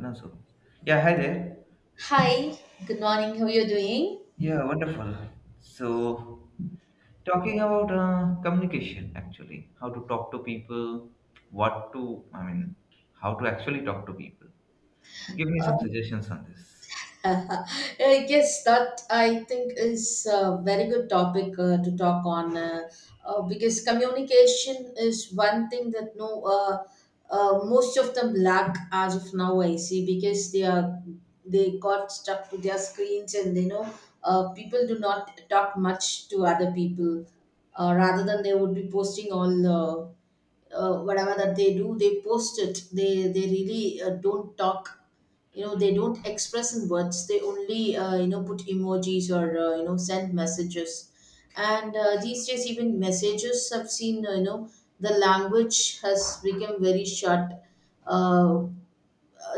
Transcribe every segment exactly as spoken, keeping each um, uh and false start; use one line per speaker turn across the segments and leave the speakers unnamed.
No, so yeah, hi there.
Hi, good morning. How are you doing?
Yeah, wonderful. So, talking about uh, communication, actually, how to talk to people, what to, I mean, how to actually talk to people. Give me some suggestions on this.
I guess that I think is a very good topic uh, to talk on uh, uh, because communication is one thing that no uh, uh, most of them lack as of now. I see because they are they got stuck to their screens. And you know uh, people do not talk much to other people, uh, rather than they would be posting all. Uh, uh, whatever that they do, they post it. They they really uh, don't talk. You know they don't express in words. They only uh, you know put emojis, or uh, you know send messages. And uh, these days even messages have seen, uh, you know the language has become very short. uh,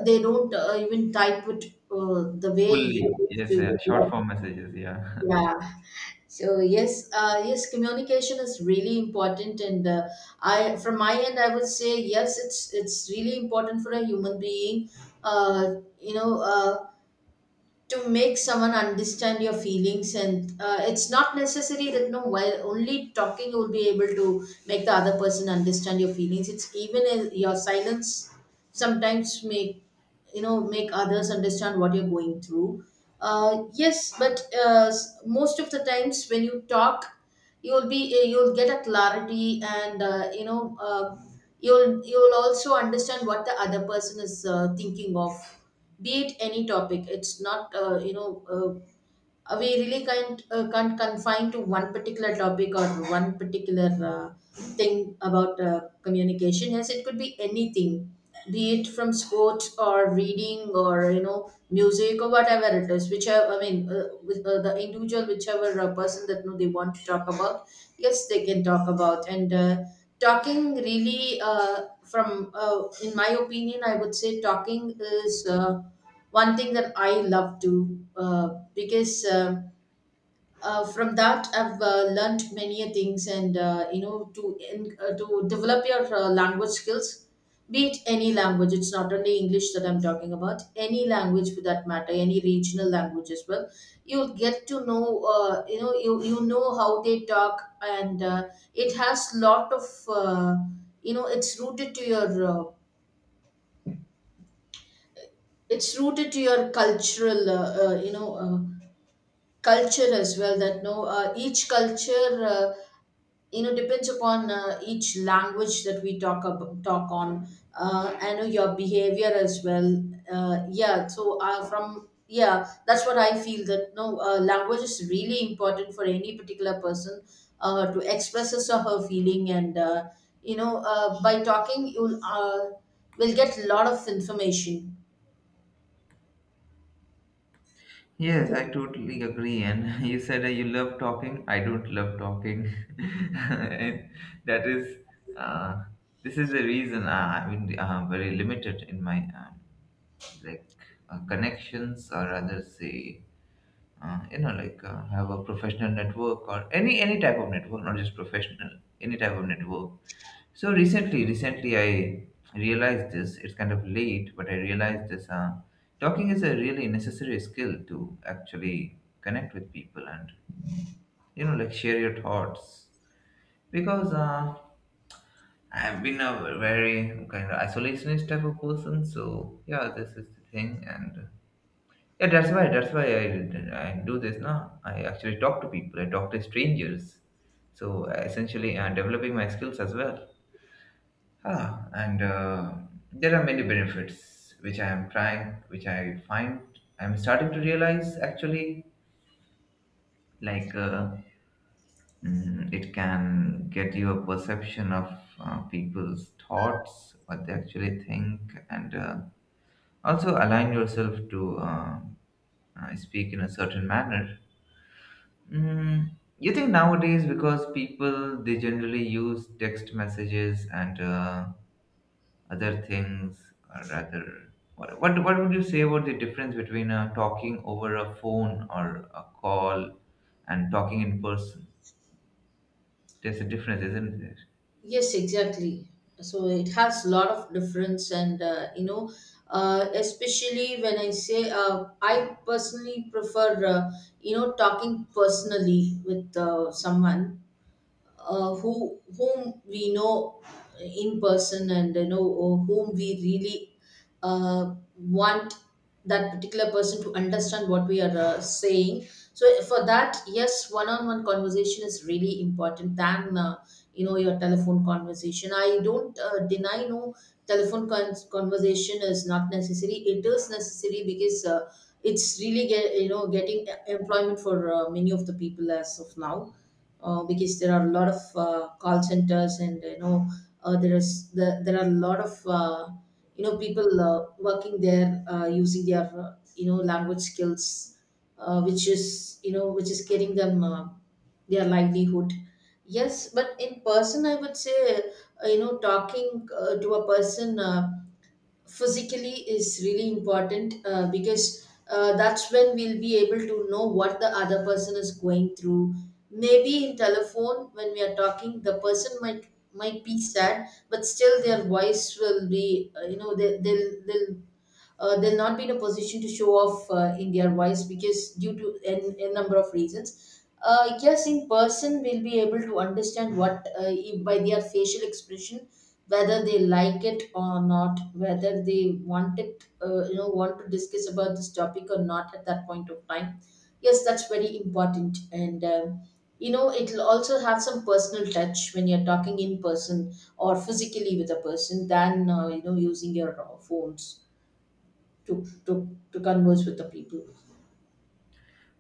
they don't uh, even type it uh, the way it
Fully,
used
yes, yeah, short
to.
form messages, yeah.
Yeah. So yes, uh, yes communication is really important. And uh, I from my end, I would say, yes, it's it's really important for a human being, uh, you know uh, to make someone understand your feelings. And uh, it's not necessary that no, while only talking you will be able to make the other person understand your feelings. It's even in your silence sometimes make you know make others understand what you're going through. Uh, yes, but uh, s- most of the times when you talk, you'll be uh, you'll get a clarity. And uh, you know uh, you'll you'll also understand what the other person is uh, thinking of. Be it any topic. It's not, uh, you know uh, we really can't uh, can't confine to one particular topic, or one particular uh, thing about uh, communication. Yes, it could be anything. Be it from sports, or reading, or you know music, or whatever it is, whichever, I mean, uh, with, uh, the individual, whichever uh, person that know they want to talk about, yes, they can talk about. And uh, talking, really, uh, from uh, in my opinion, I would say, talking is uh, one thing that I love to. Uh, because uh, uh, from that I've uh, learned many a things. And uh, you know to in, uh, to develop your uh, language skills. Be it any language, it's not only English that I'm talking about, any language for that matter, any regional language as well. You'll get to know, uh, you know you, you know how they talk. And uh, it has lot of uh, you know it's rooted to your uh, it's rooted to your cultural uh, uh, you know uh, culture as well, that no uh, each culture, uh, you know depends upon uh, each language that we talk ab- talk on. uh, I know your behavior as well. Uh, yeah. So uh, from yeah that's what I feel, that no uh, language is really important for any particular person, uh, to express his or her feeling. And uh, you know uh, by talking, you'll uh, will get a lot of information.
Yes, I totally agree. And you said that you love talking. I don't love talking. And that is, uh, this is the reason. uh, I mean, uh, very limited in my uh, like uh, connections, or rather say, uh, you know like uh, have a professional network, or any any type of network, not just professional, any type of network. So recently recently I realized this. It's kind of late, but I realized this. Uh, talking is a really necessary skill to actually connect with people and you know like share your thoughts, because uh, I've been a very kind of isolationist type of person. So yeah, this is the thing. And yeah, that's why. That's why I I do this now. I actually talk to people. I talk to strangers. So essentially, I'm developing my skills as well. Ah, and uh, there are many benefits which I am trying, which I find I'm starting to realize actually. Like, uh, mm, it can get you a perception of uh, people's thoughts, what they actually think, and uh, also align yourself to uh, uh, speak in a certain manner. Mm, you think nowadays, because people, they generally use text messages and uh, other things. Or rather, what, what what would you say about the difference between uh, talking over a phone or a call, and talking in person? There's a difference, isn't there?
Yes, exactly. So it has a lot of difference. And uh, you know, uh, especially when I say, uh, I personally prefer, uh, you know, talking personally with uh, someone, uh, who whom we know in person, and you know whom we really uh, want that particular person to understand what we are uh, saying. So for that, yes, one-on-one conversation is really important than uh, you know your telephone conversation. I don't uh, deny no telephone con- conversation is not necessary. It is necessary, because uh, it's really get you know getting uh, employment for uh, many of the people as of now. Uh, because there are a lot of uh, call centers. And you know uh, there is the, there are a lot of uh, you know people uh, working there, uh, using their uh, you know language skills, uh, which is you know which is getting them uh, their livelihood. Yes, but in person I would say, uh, you know talking uh, to a person uh, physically is really important, uh, because uh, that's when we'll be able to know what the other person is going through. Maybe in telephone when we are talking, the person might might be sad, but still their voice will be, uh, you know they, they'll they'll uh, they'll not be in a position to show off uh, in their voice, because due to a, a number of reasons. Uh, yes, in person we'll be able to understand what, uh, if by their facial expression, whether they like it or not, whether they want it, uh, you know, want to discuss about this topic or not at that point of time. Yes, that's very important. And um, you know, it'll also have some personal touch when you're talking in person or physically with a person, than uh, you know using your uh, phones to to to converse with the people.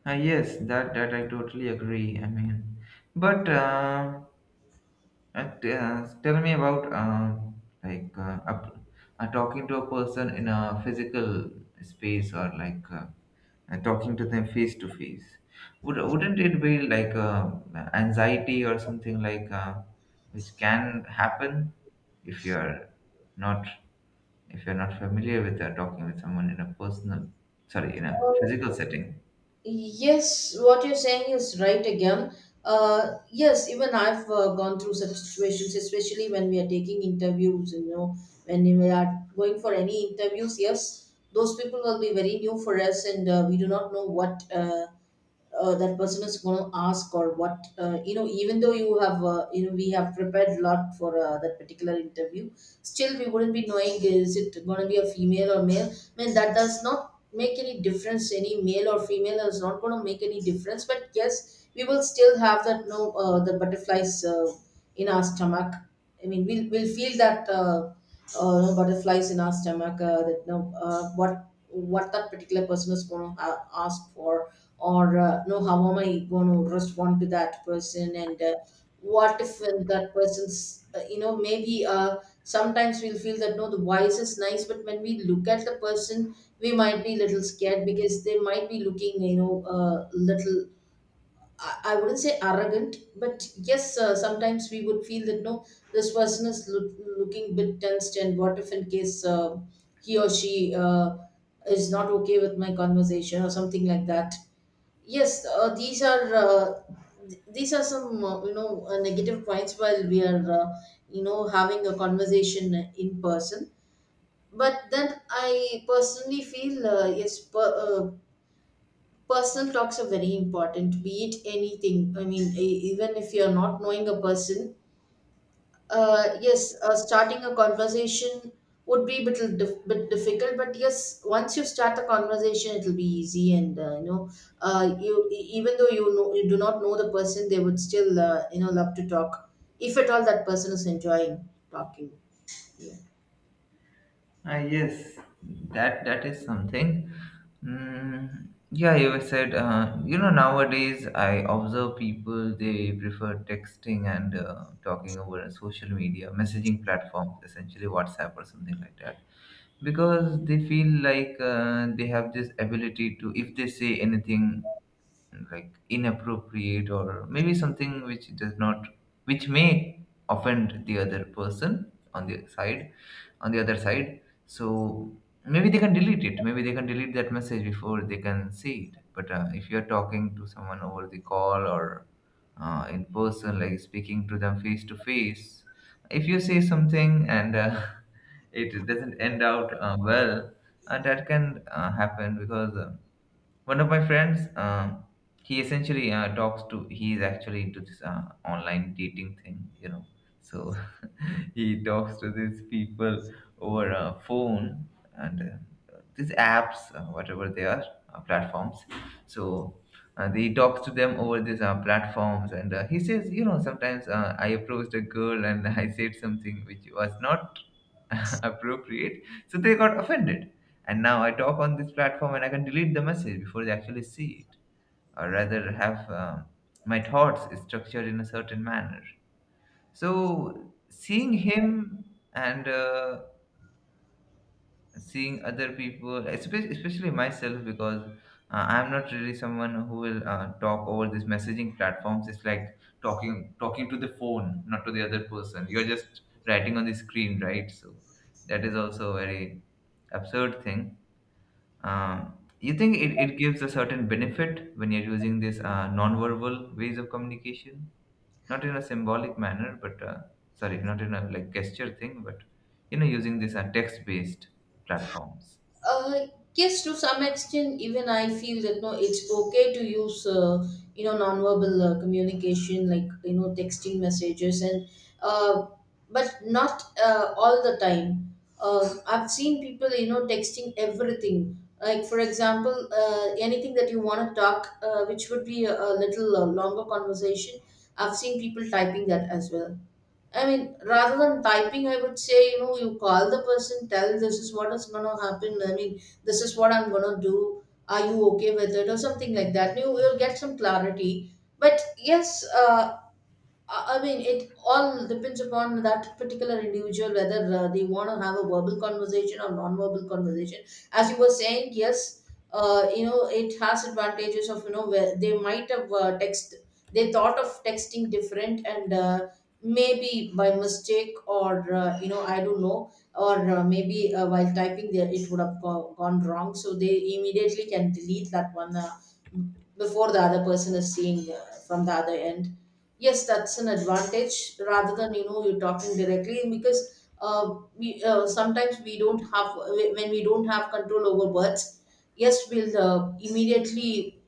Uh, yes, that that I totally agree. I mean, but uh, uh, t- uh, tell me about uh, like uh, up, uh, talking to a person in a physical space, or like uh, and talking to them face to face. Would, wouldn't it be like uh, anxiety or something, like uh, which can happen if you're not, if you're not familiar with uh, talking with someone in a personal, sorry, in a physical
Uh,
setting?
Yes, what you're saying is right again. Uh, yes, even I've uh, gone through such situations, especially when we are taking interviews, you know, when we are going for any interviews. Yes, those people will be very new for us, and uh, we do not know what, uh, uh, that person is going to ask, or what. Uh, you know even though you have uh, you know we have prepared a lot for uh, that particular interview, still we wouldn't be knowing, is it going to be a female or male? I mean, that does not make any difference, any male or female is not going to make any difference. But yes, we will still have that no, uh, the butterflies uh, in our stomach. I mean, we'll, we'll feel that, uh, uh, you know, butterflies in our stomach, uh, that you know uh, what what that particular person is going to ha- ask for, or uh, no, how am I going to respond to that person? And uh, what if uh, that person's, uh, you know maybe, uh, sometimes we'll feel that no, the voice is nice, but when we look at the person we might be a little scared, because they might be looking, you know uh, little, I I wouldn't say arrogant, but yes, uh, sometimes we would feel that no, this person is look, looking bit tensed, and what if in case uh, he or she uh, is not okay with my conversation, or something like that. Yes, uh, these are, uh, th- these are some uh, you know uh, negative points while we are uh, you know having a conversation in person. But then I personally feel, uh, yes, per, uh, personal talks are very important, be it anything. I mean, e- even if you're not knowing a person, uh, yes, uh, starting a conversation would be a bit, dif- bit difficult, but yes, once you start the conversation, it'll be easy. And uh, you know uh, you e- even though you know you do not know the person, they would still, uh, you know love to talk, if at all that person is enjoying talking. Yeah.
Ah yes, that that is something. Mm, yeah, you were said. Uh, you know, nowadays I observe people, they prefer texting and uh, talking over social media, messaging platforms, essentially WhatsApp or something like that. Because they feel like uh, they have this ability to, if they say anything like inappropriate, or maybe something which does not, which may offend the other person on the side, on the other side. So maybe they can delete it, maybe they can delete that message before they can see it. But uh, if you're talking to someone over the call, or uh, in person, like speaking to them face to face, if you say something and uh, it doesn't end out uh, well, and that can uh, happen, because uh, one of my friends, um he essentially uh, talks to, he is actually into this uh, online dating thing, you know. So he talks to these people over a phone, and uh, these apps, uh, whatever they are, uh, platforms. So and he talks to them over these uh, platforms, and uh, he says, you know sometimes uh, I approached a girl, and I said something which was not appropriate. So they got offended. And now I talk on this platform, and I can delete the message before they actually see it, or rather have um, my thoughts structured in a certain manner. So, seeing him, and uh, seeing other people, espe- especially myself, because uh, I'm not really someone who will uh, talk over these messaging platforms. It's like talking talking to the phone, not to the other person. You're just writing on the screen, right? So that is also a very absurd thing. Um, you think it, it gives a certain benefit when you're using these uh, verbal ways of communication? Not in a symbolic manner, but uh, sorry, not in a like gesture thing, but you know, using these uh, text-based platforms.
uh, yes, to some extent, even I feel that no, it's okay to use uh, you know nonverbal uh, communication, like you know texting, messages, and uh, but not uh, all the time. uh, I've seen people you know texting everything. Like for example, uh, anything that you want to talk, uh, which would be a, a little uh, longer conversation, I've seen people typing that as well. I mean, rather than typing I would say, you know, you call the person, tell, this is what is gonna happen, I mean, this is what I'm gonna do. Are you okay with it, or something like that? You you'll get some clarity. But yes, uh, I I mean, it all depends upon that particular individual, whether uh, they want to have a verbal conversation or non-verbal conversation. As you were saying, yes, uh, you know, it has advantages of, you know where they might have uh, text, they thought of texting different, and uh, maybe by mistake, or uh, you know I don't know, or uh, maybe uh, while typing there it would have go- gone wrong, so they immediately can delete that one, uh, before the other person is seeing uh, from the other end. Yes, that's an advantage, rather than you know you're talking directly, because uh, we uh, sometimes we don't have, when we don't have control over words, yes, we'll uh, immediately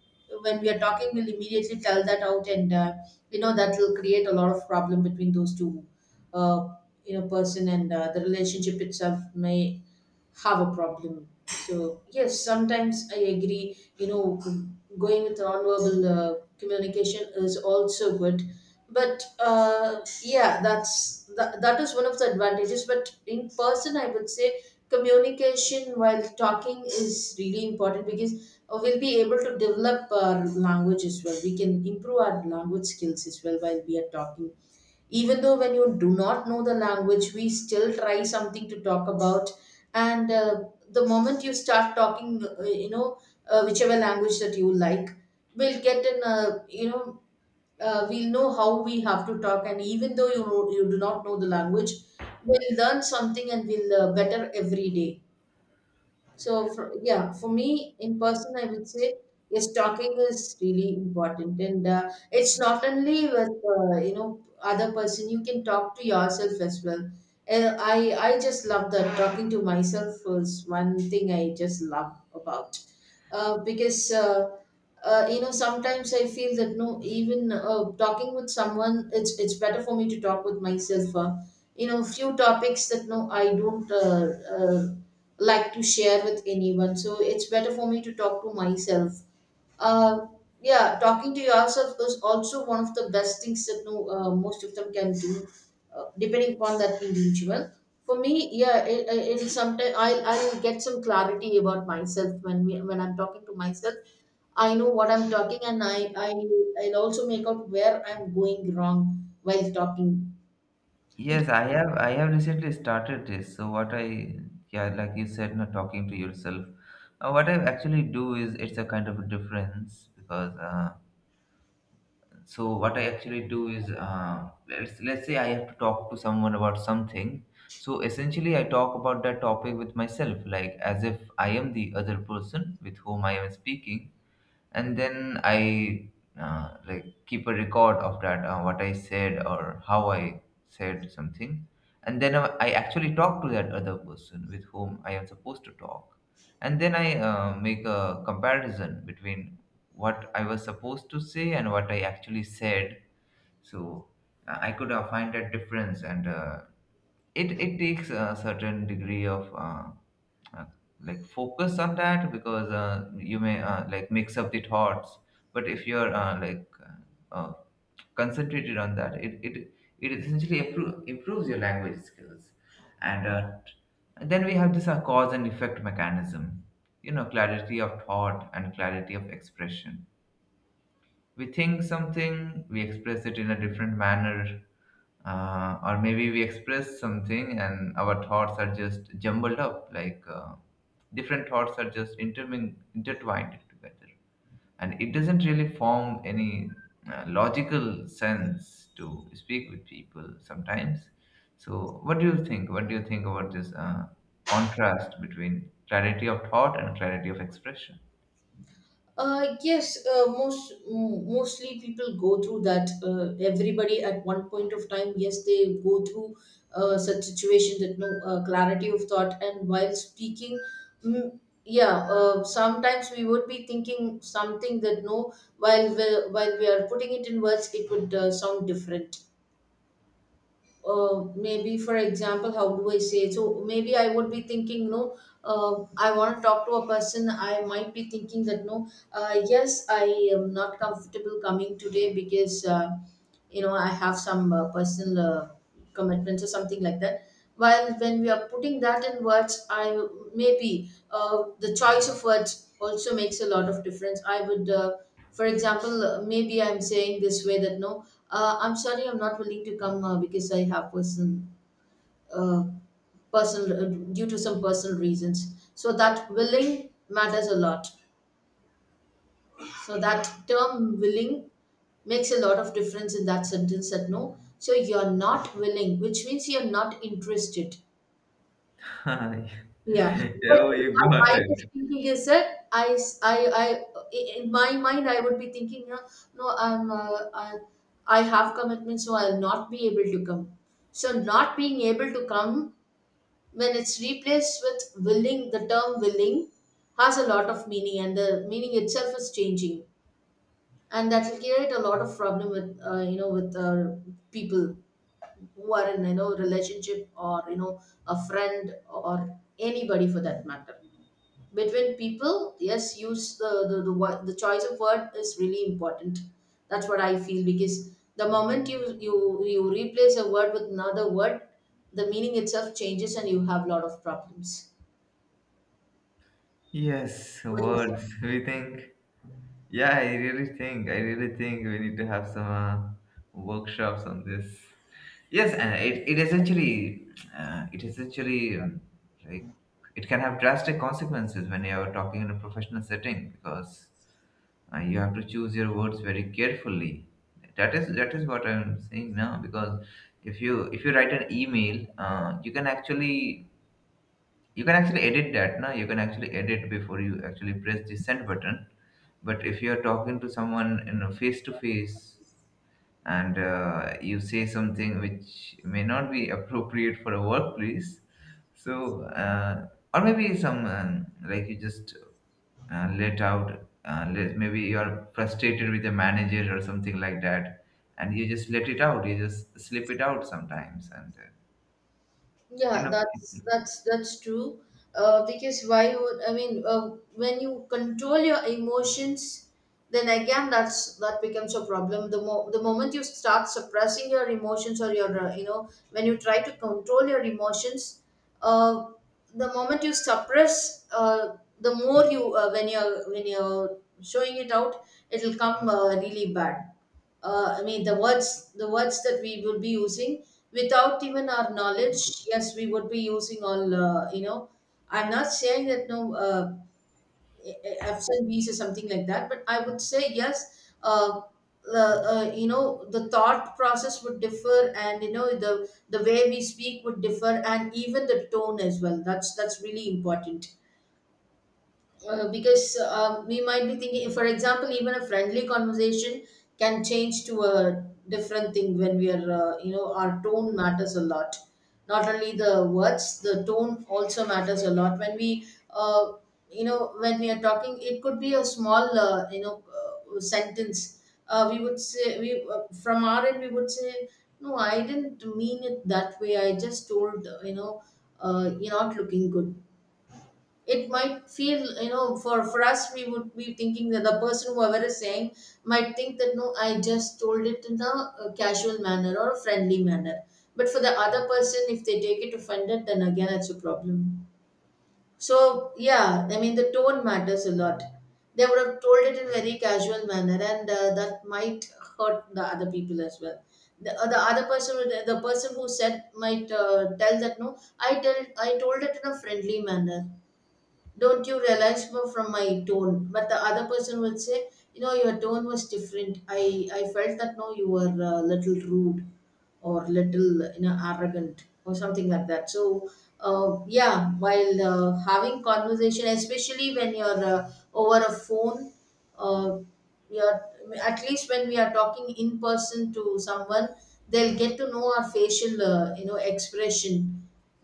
when we are talking, we'll immediately tell that out. And uh, you know that will create a lot of problem between those two, uh, you know person, and uh, the relationship itself may have a problem. So yes, sometimes I agree. You know, going with nonverbal uh, communication is also good, but uh, yeah, that's that, that is one of the advantages. But in person, I would say communication while talking is really important, because uh, we'll be able to develop our language as well. We can improve our language skills as well while we are talking, even though when you do not know the language, we still try something to talk about. And uh, The moment you start talking, uh, you know uh, whichever language that you like, we'll get in a you know uh, we'll know how we have to talk. And even though, you know, you do not know the language, we'll learn something, and we'll uh, better every day. So, for, yeah, for me in person, I would say yes, talking is really important, and uh, it's not only with uh, you know other person. You can talk to yourself as well. And I I just love that. Talking to myself was one thing I just love about, uh, because. Uh, uh, you know, Sometimes I feel that no, even uh, talking with someone, it's it's better for me to talk with myself. Uh, you know few topics that no, I don't uh, uh, like to share with anyone, so it's better for me to talk to myself. uh, yeah, talking to yourself is also one of the best things that no, uh, most of them can do, uh, depending upon that individual. For me, yeah, it, it- it'll sometimes I'll, I'll get some clarity about myself when we, when i'm talking to myself. I know what I'm talking, and I, I I'll also make out where I'm going wrong while talking.
Yes, I have I have recently started this. So what I yeah, like you said, not talking to yourself. Uh, what I actually do is, it's a kind of a difference, because uh, so what I actually do is, uh, let's let's say I have to talk to someone about something. So essentially, I talk about that topic with myself, like as if I am the other person with whom I am speaking. And then I uh, like keep a record of that, uh, what I said or how I said something. And then uh, I actually talk to that other person with whom I am supposed to talk. And then I uh, make a comparison between what I was supposed to say and what I actually said. So uh, I could uh, find that difference. And uh, it it takes a certain degree of uh, uh, like focus on that, because uh, you may uh, like mix up the thoughts. But if you're uh, like uh, uh, concentrated on that, it it, it essentially improve, improves your language skills. And uh, then we have this uh, cause and effect mechanism, you know clarity of thought and clarity of expression. We think something, we express it in a different manner. Uh, or maybe we express something and our thoughts are just jumbled up, like uh, different thoughts are just intermin- intertwined together. And it doesn't really form any uh, logical sense to speak with people sometimes. So, what do you think? What do you think about this uh, contrast between clarity of thought and clarity of expression?
Uh, yes, uh, Most m- mostly people go through that. Uh, everybody at one point of time, yes, they go through uh, such situation that no, uh, clarity of thought. And while speaking, mm, yeah, uh, sometimes we would be thinking something that no, while we while we are putting it in words, it would uh, sound different. Uh, maybe, for example, how do I say? So maybe I would be thinking no, uh, I want to talk to a person. I might be thinking that no, uh, yes, I am not comfortable coming today because uh, you know I have some uh, personal uh, commitments or something like that. While when we are putting that in words, I, maybe uh, the choice of words also makes a lot of difference. I would, uh, for example, uh, maybe I'm saying this way that no, uh, I'm sorry, I'm not willing to come uh, because I have personal, uh, personal uh, due to some personal reasons. So that willing matters a lot. So that term willing makes a lot of difference in that sentence, that no, so you're not willing, which means you're not interested.
Oh,
Yeah, but
you
what
got
I was
it.
thinking is that, I, s- I, I- I- in my mind, I would be thinking, you know, no, I'm, uh, I, I have commitment, so I'll not be able to come. So, not being able to come, when it's replaced with willing, the term willing has a lot of meaning, and the meaning itself is changing, and that will create a lot of problem with, uh, you know, with uh, people who are in, you know relationship, or you know a friend, or anybody for that matter. Between people, yes, use, the the, the wo- the choice of word is really important. That's what I feel, because the moment you you you replace a word with another word, the meaning itself changes, and you have a lot of problems.
Yes,
What do you say?
words. We think, yeah, I really think, I really think we need to have some uh, workshops on this. Yes, and it, it essentially, uh, it essentially, um, like, it can have drastic consequences when you're talking in a professional setting, because uh, you have to choose your words very carefully. That is, that is what I'm saying now. Because if you if you write an email, uh, you can actually, you can actually edit that. Now you can actually edit before you actually press the send button. But if you're talking to someone, you know, face to face, and uh, you say something which may not be appropriate for a workplace. So uh, or maybe some, um, like you just uh, let out, uh, let, maybe you're frustrated with the manager or something like that, and you just let it out. You just slip it out sometimes, and uh, you
Yeah,
know,
that's that's that's true. Uh, because why would I mean, uh, when you control your emotions, then again that's that becomes a problem. The mo- the moment you start suppressing your emotions, or your, uh, you know when you try to control your emotions, uh, the moment you suppress, uh, the more you, uh, when you're when you're showing it out, it'll come uh, really bad. uh, I mean, the words the words that we will be using without even our knowledge, yes, we would be using all, uh, you know I'm not saying that no, uh, a- a- absent bees or something like that, but I would say yes, uh, the uh, you know the thought process would differ, and you know the the way we speak would differ, and even the tone as well. that's that's really important. Uh, because, uh, we might be thinking, for example, even a friendly conversation can change to a different thing when we are, uh, you know our tone matters a lot. Not only the words, the tone also matters a lot when we, uh, you know when we are talking. It could be a small, uh, you know uh, sentence. Uh, we would say we, uh, from our end we would say, no, I didn't mean it that way, I just told, uh, you know uh, you're not looking good. It might feel, you know for for us we would be thinking that the person, whoever is saying, might think that no, I just told it in a, a casual manner or a friendly manner. But for the other person, if they take it offended, then again, it's a problem. So yeah, I mean, the tone matters a lot. They would have told it in very casual manner, and uh, that might hurt the other people as well. The, uh, the other person would- the person who said, might uh, tell that no, i tell I told it in a friendly manner. Don't you realize more from my tone? But the other person would say, you know your tone was different. I i felt that no, you were a little rude, or little, you know arrogant or something like that. So, uh, yeah, while uh, having conversation, especially when you're, uh, over a phone, uh, you're, at least when we are talking in person to someone, they'll get to know our facial, uh, you know expression,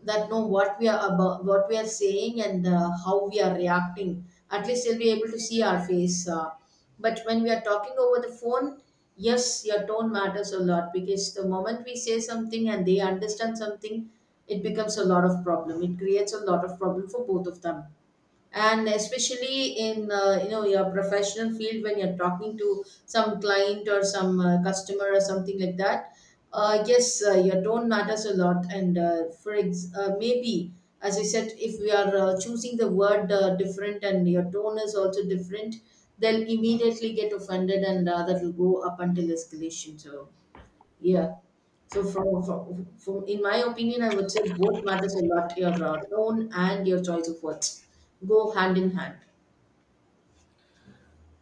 that know what we are about, what we are saying, and uh, how we are reacting. At least they'll be able to see our face. Uh, but when we are talking over the phone, yes, your tone matters a lot, because the moment we say something and they understand something, it becomes a lot of problem. It creates a lot of problem for both of them. And especially in, uh, you know your professional field, when you're talking to some client or some, uh, customer or something like that, uh, yes, uh, your tone matters a lot, and uh, for ex- uh, maybe, as I said, if we are uh, choosing the word uh, different and your tone is also different, they'll immediately get offended, and uh, that will go up until escalation. So yeah. So, from, from, from in my opinion, I would say both matters a lot. Your uh, tone and your choice of words go hand in hand.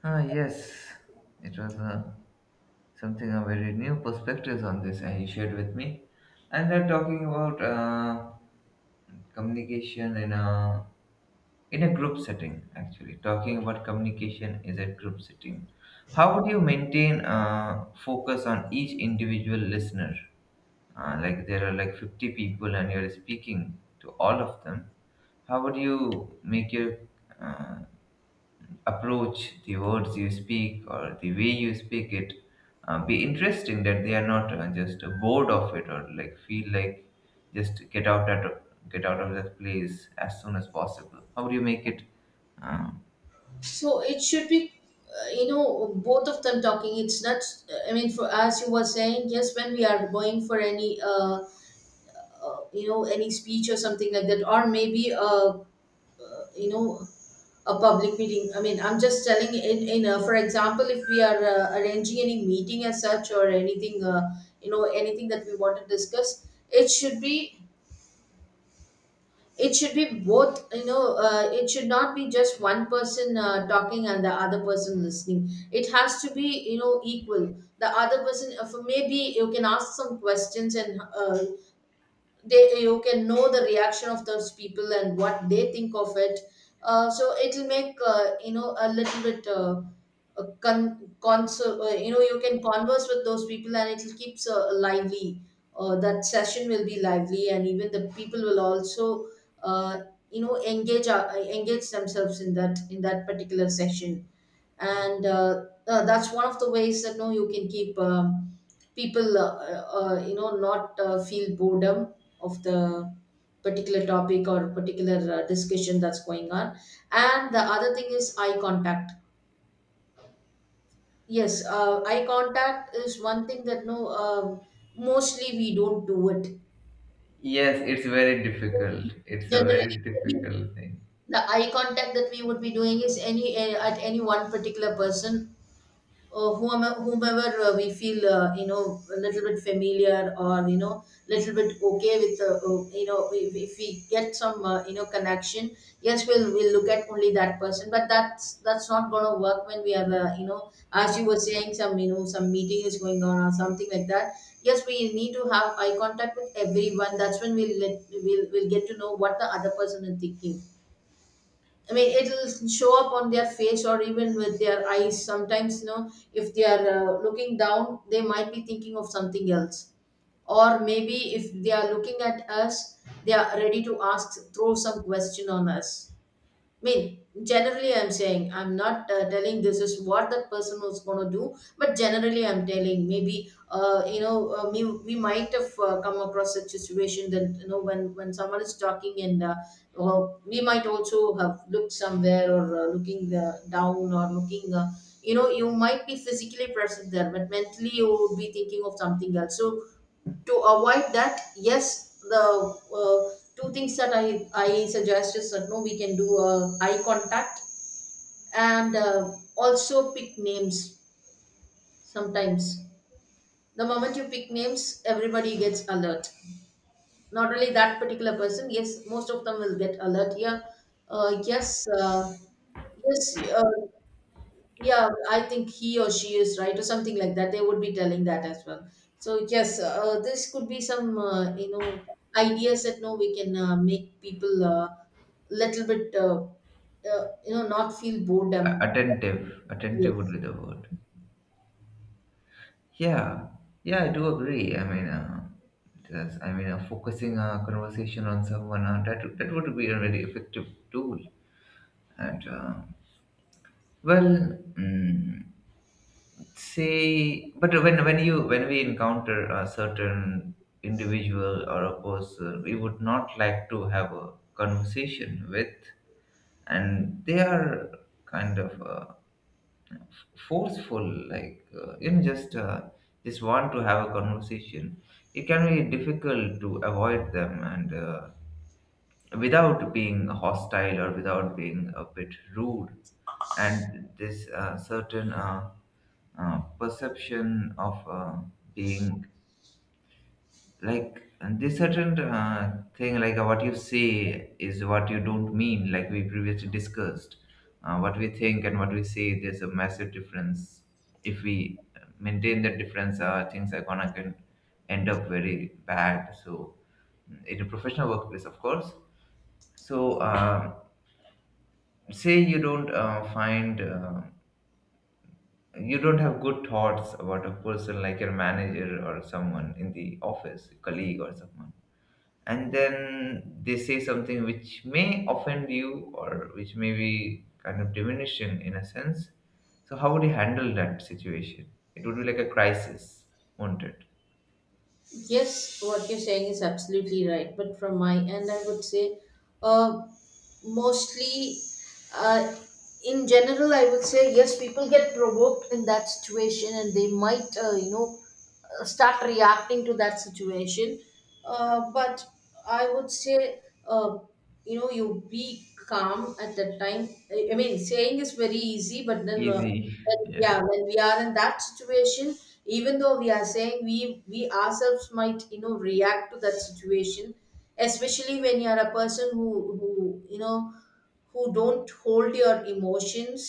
ah yes, it was a something, a very new perspectives on this, and he shared with me. And they're talking about uh, communication in a, in a group setting. Actually, talking about communication is a group setting. How would you maintain uh, focus on each individual listener? Uh, like there are like fifty people and you're speaking to all of them. How would you make your uh, approach, the words you speak, or the way you speak it, uh, be interesting, that they are not uh, just bored of it, or like feel like just get out at get out of that place as soon as possible. How do you make it? Uh,
So it should be, uh, you know, both of them talking. It's not, I mean, for, as you were saying, yes, when we are going for any, uh, uh, you know, any speech or something like that, or maybe a, uh, you know a public meeting. I mean, I'm just telling, in, in uh, for example, if we are uh, arranging any meeting as such, or anything, uh, you know anything that we want to discuss, it should be it should be both. You know uh, it should not be just one person uh, talking and the other person listening. It has to be, you know equal. The other person, uh, for, maybe you can ask some questions, and uh, they, you can know the reaction of those people and what they think of it. Uh, so it'll make, uh, you know a little bit, uh, a con- conser- uh, you know you can converse with those people, and it'll keeps uh, lively. Uh, that session will be lively, and even the people will also, uh, you know engage uh, engage themselves in that in that particular session. And uh, uh, that's one of the ways that no, you can keep, um, people, uh, uh, you know not uh, feel boredom of the particular topic, or particular, uh, discussion that's going on. And the other thing is eye contact. Yes, uh, eye contact is one thing that no, um mostly we don't do it.
yes, it's very difficult. It's a
Generally,
very
maybe
difficult thing.
the eye contact that we would be doing is any, eh, at any one particular person, uh, whomever, whomever, uh, we feel, uh, you know a little bit familiar, or you know little bit okay with, uh, uh, you know if, if we get some, uh, you know connection. Yes, we'll we'll look at only that person. But that's that's not going to work when we have a, you know as you were saying, some, you know some meeting is going on or something like that. Yes, we need to have eye contact with everyone. That's when we'll let we'll, we'll get to know what the other person is thinking. I mean, it'll show up on their face or even with their eyes. Sometimes, you know, if they are uh, looking down, they might be thinking of something else. Or maybe if they are looking at us, they are ready to ask, throw some question on us. I mean, generally, I'm saying I'm not uh, telling this is what that person was going to do, but generally, I'm telling maybe uh, you know uh, we, we might have uh, come across such situation that you know when when someone is talking and uh, uh, we might also have looked somewhere or uh, looking uh, down or looking uh, you know You might be physically present there, but mentally you would be thinking of something else. So to avoid that, yes, the uh, two things that i i suggest is that, no, we can do uh, eye contact, and uh, also pick names sometimes. The moment you pick names, everybody gets alert, not only that particular person. Yes, most of them will get alert, yeah. Uh, yes uh, yes uh, Yeah, I think he or she is right, or something like that. They would be telling that as well. So yes, uh, this could be some uh, you know ideas that, no, we can uh, make people uh, little bit uh, uh, you know not feel
A-
boredom.
Attentive, attentive would
Yes,
be the word. Yeah, yeah, I do agree. I mean, uh, just, I mean, uh, focusing a conversation on someone, uh, that that would be a very effective tool. And uh, well, mm, say, but when when you when we encounter a certain individual or a person we would not like to have a conversation with, and they are kind of, uh, forceful, like uh, you know just uh, just want to have a conversation. It can be difficult to avoid them, and uh, without being hostile or without being a bit rude. And this uh, certain uh, uh, perception of uh, being like, and this certain uh, thing, like, uh, what you say is what you don't mean, like we previously discussed. Uh, what we think and what we say, there's a massive difference. If we uh, maintain that difference, uh, things are gonna, can end up very bad. So in a professional workplace, of course. So uh, say you don't uh, find uh, you don't have good thoughts about a person, like your manager, or someone in the office, colleague or someone. And then they say something which may offend you, or which may be kind of diminishing in a sense. So how would you handle that situation? It would be like a crisis, won't it?
yes, what you're saying is absolutely right. But from my end, I would say, uh, mostly, uh, in general, i would say, yes, people get provoked in that situation and they might, uh, you know uh, start reacting to that situation. Uh, but I would say, uh, you know you be calm at that time. I I mean, saying is very easy, but then, uh,
Easy.
when,
Yeah.
yeah, when we are in that situation, even though we are saying, we we ourselves might, you know react to that situation. Especially when you are a person who who you know who don't hold your emotions,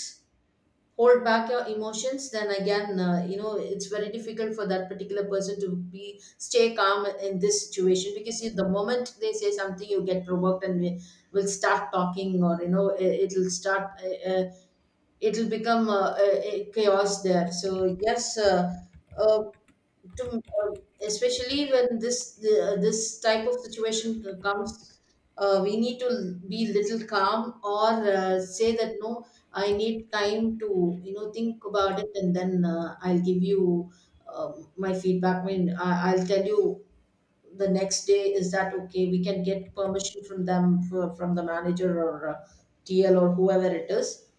hold back your emotions, then again, uh, you know it's very difficult for that particular person to be stay calm in this situation, because you- the moment they say something, you get provoked and we will start talking. Or, you know, it, it'll start uh, uh, it'll become uh, a, a chaos there. So yes, uh, uh, to, uh, especially when this the, this type of situation uh, comes, uh, we need to be little calm or uh, say that, no, I need time to, you know think about it, and then, uh, I'll give you um my feedback. I mean, I, I'll tell you the next day, is that okay, we can get permission from them for, from the manager or, uh, tl, or whoever it is,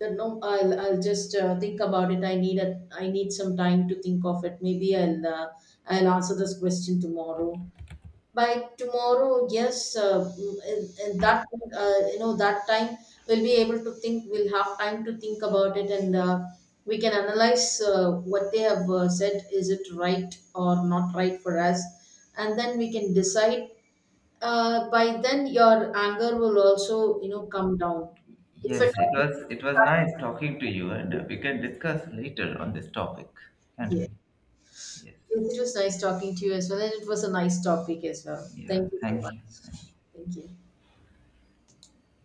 that no, i'll i'll just uh, think about it. I need a, I need some time to think of it. Maybe i'll uh, i'll answer this question tomorrow. By tomorrow, yes, uh, mm, and, and that uh, you know that time we'll be able to think, we'll have time to think about it, and uh, we can analyze uh, what they have uh, said, is it right or not right for us, and then we can decide. Uh, by then your anger will also, you know come down, if it
Yes, it was it was nice talking to you. And uh, we can discuss later on this topic, can't
yeah.
we? Yes,
Yes, it was nice talking to you as well, and it was a nice topic as well.
yeah,
Thank you so
thank you,
much.
thank you.
Thank you.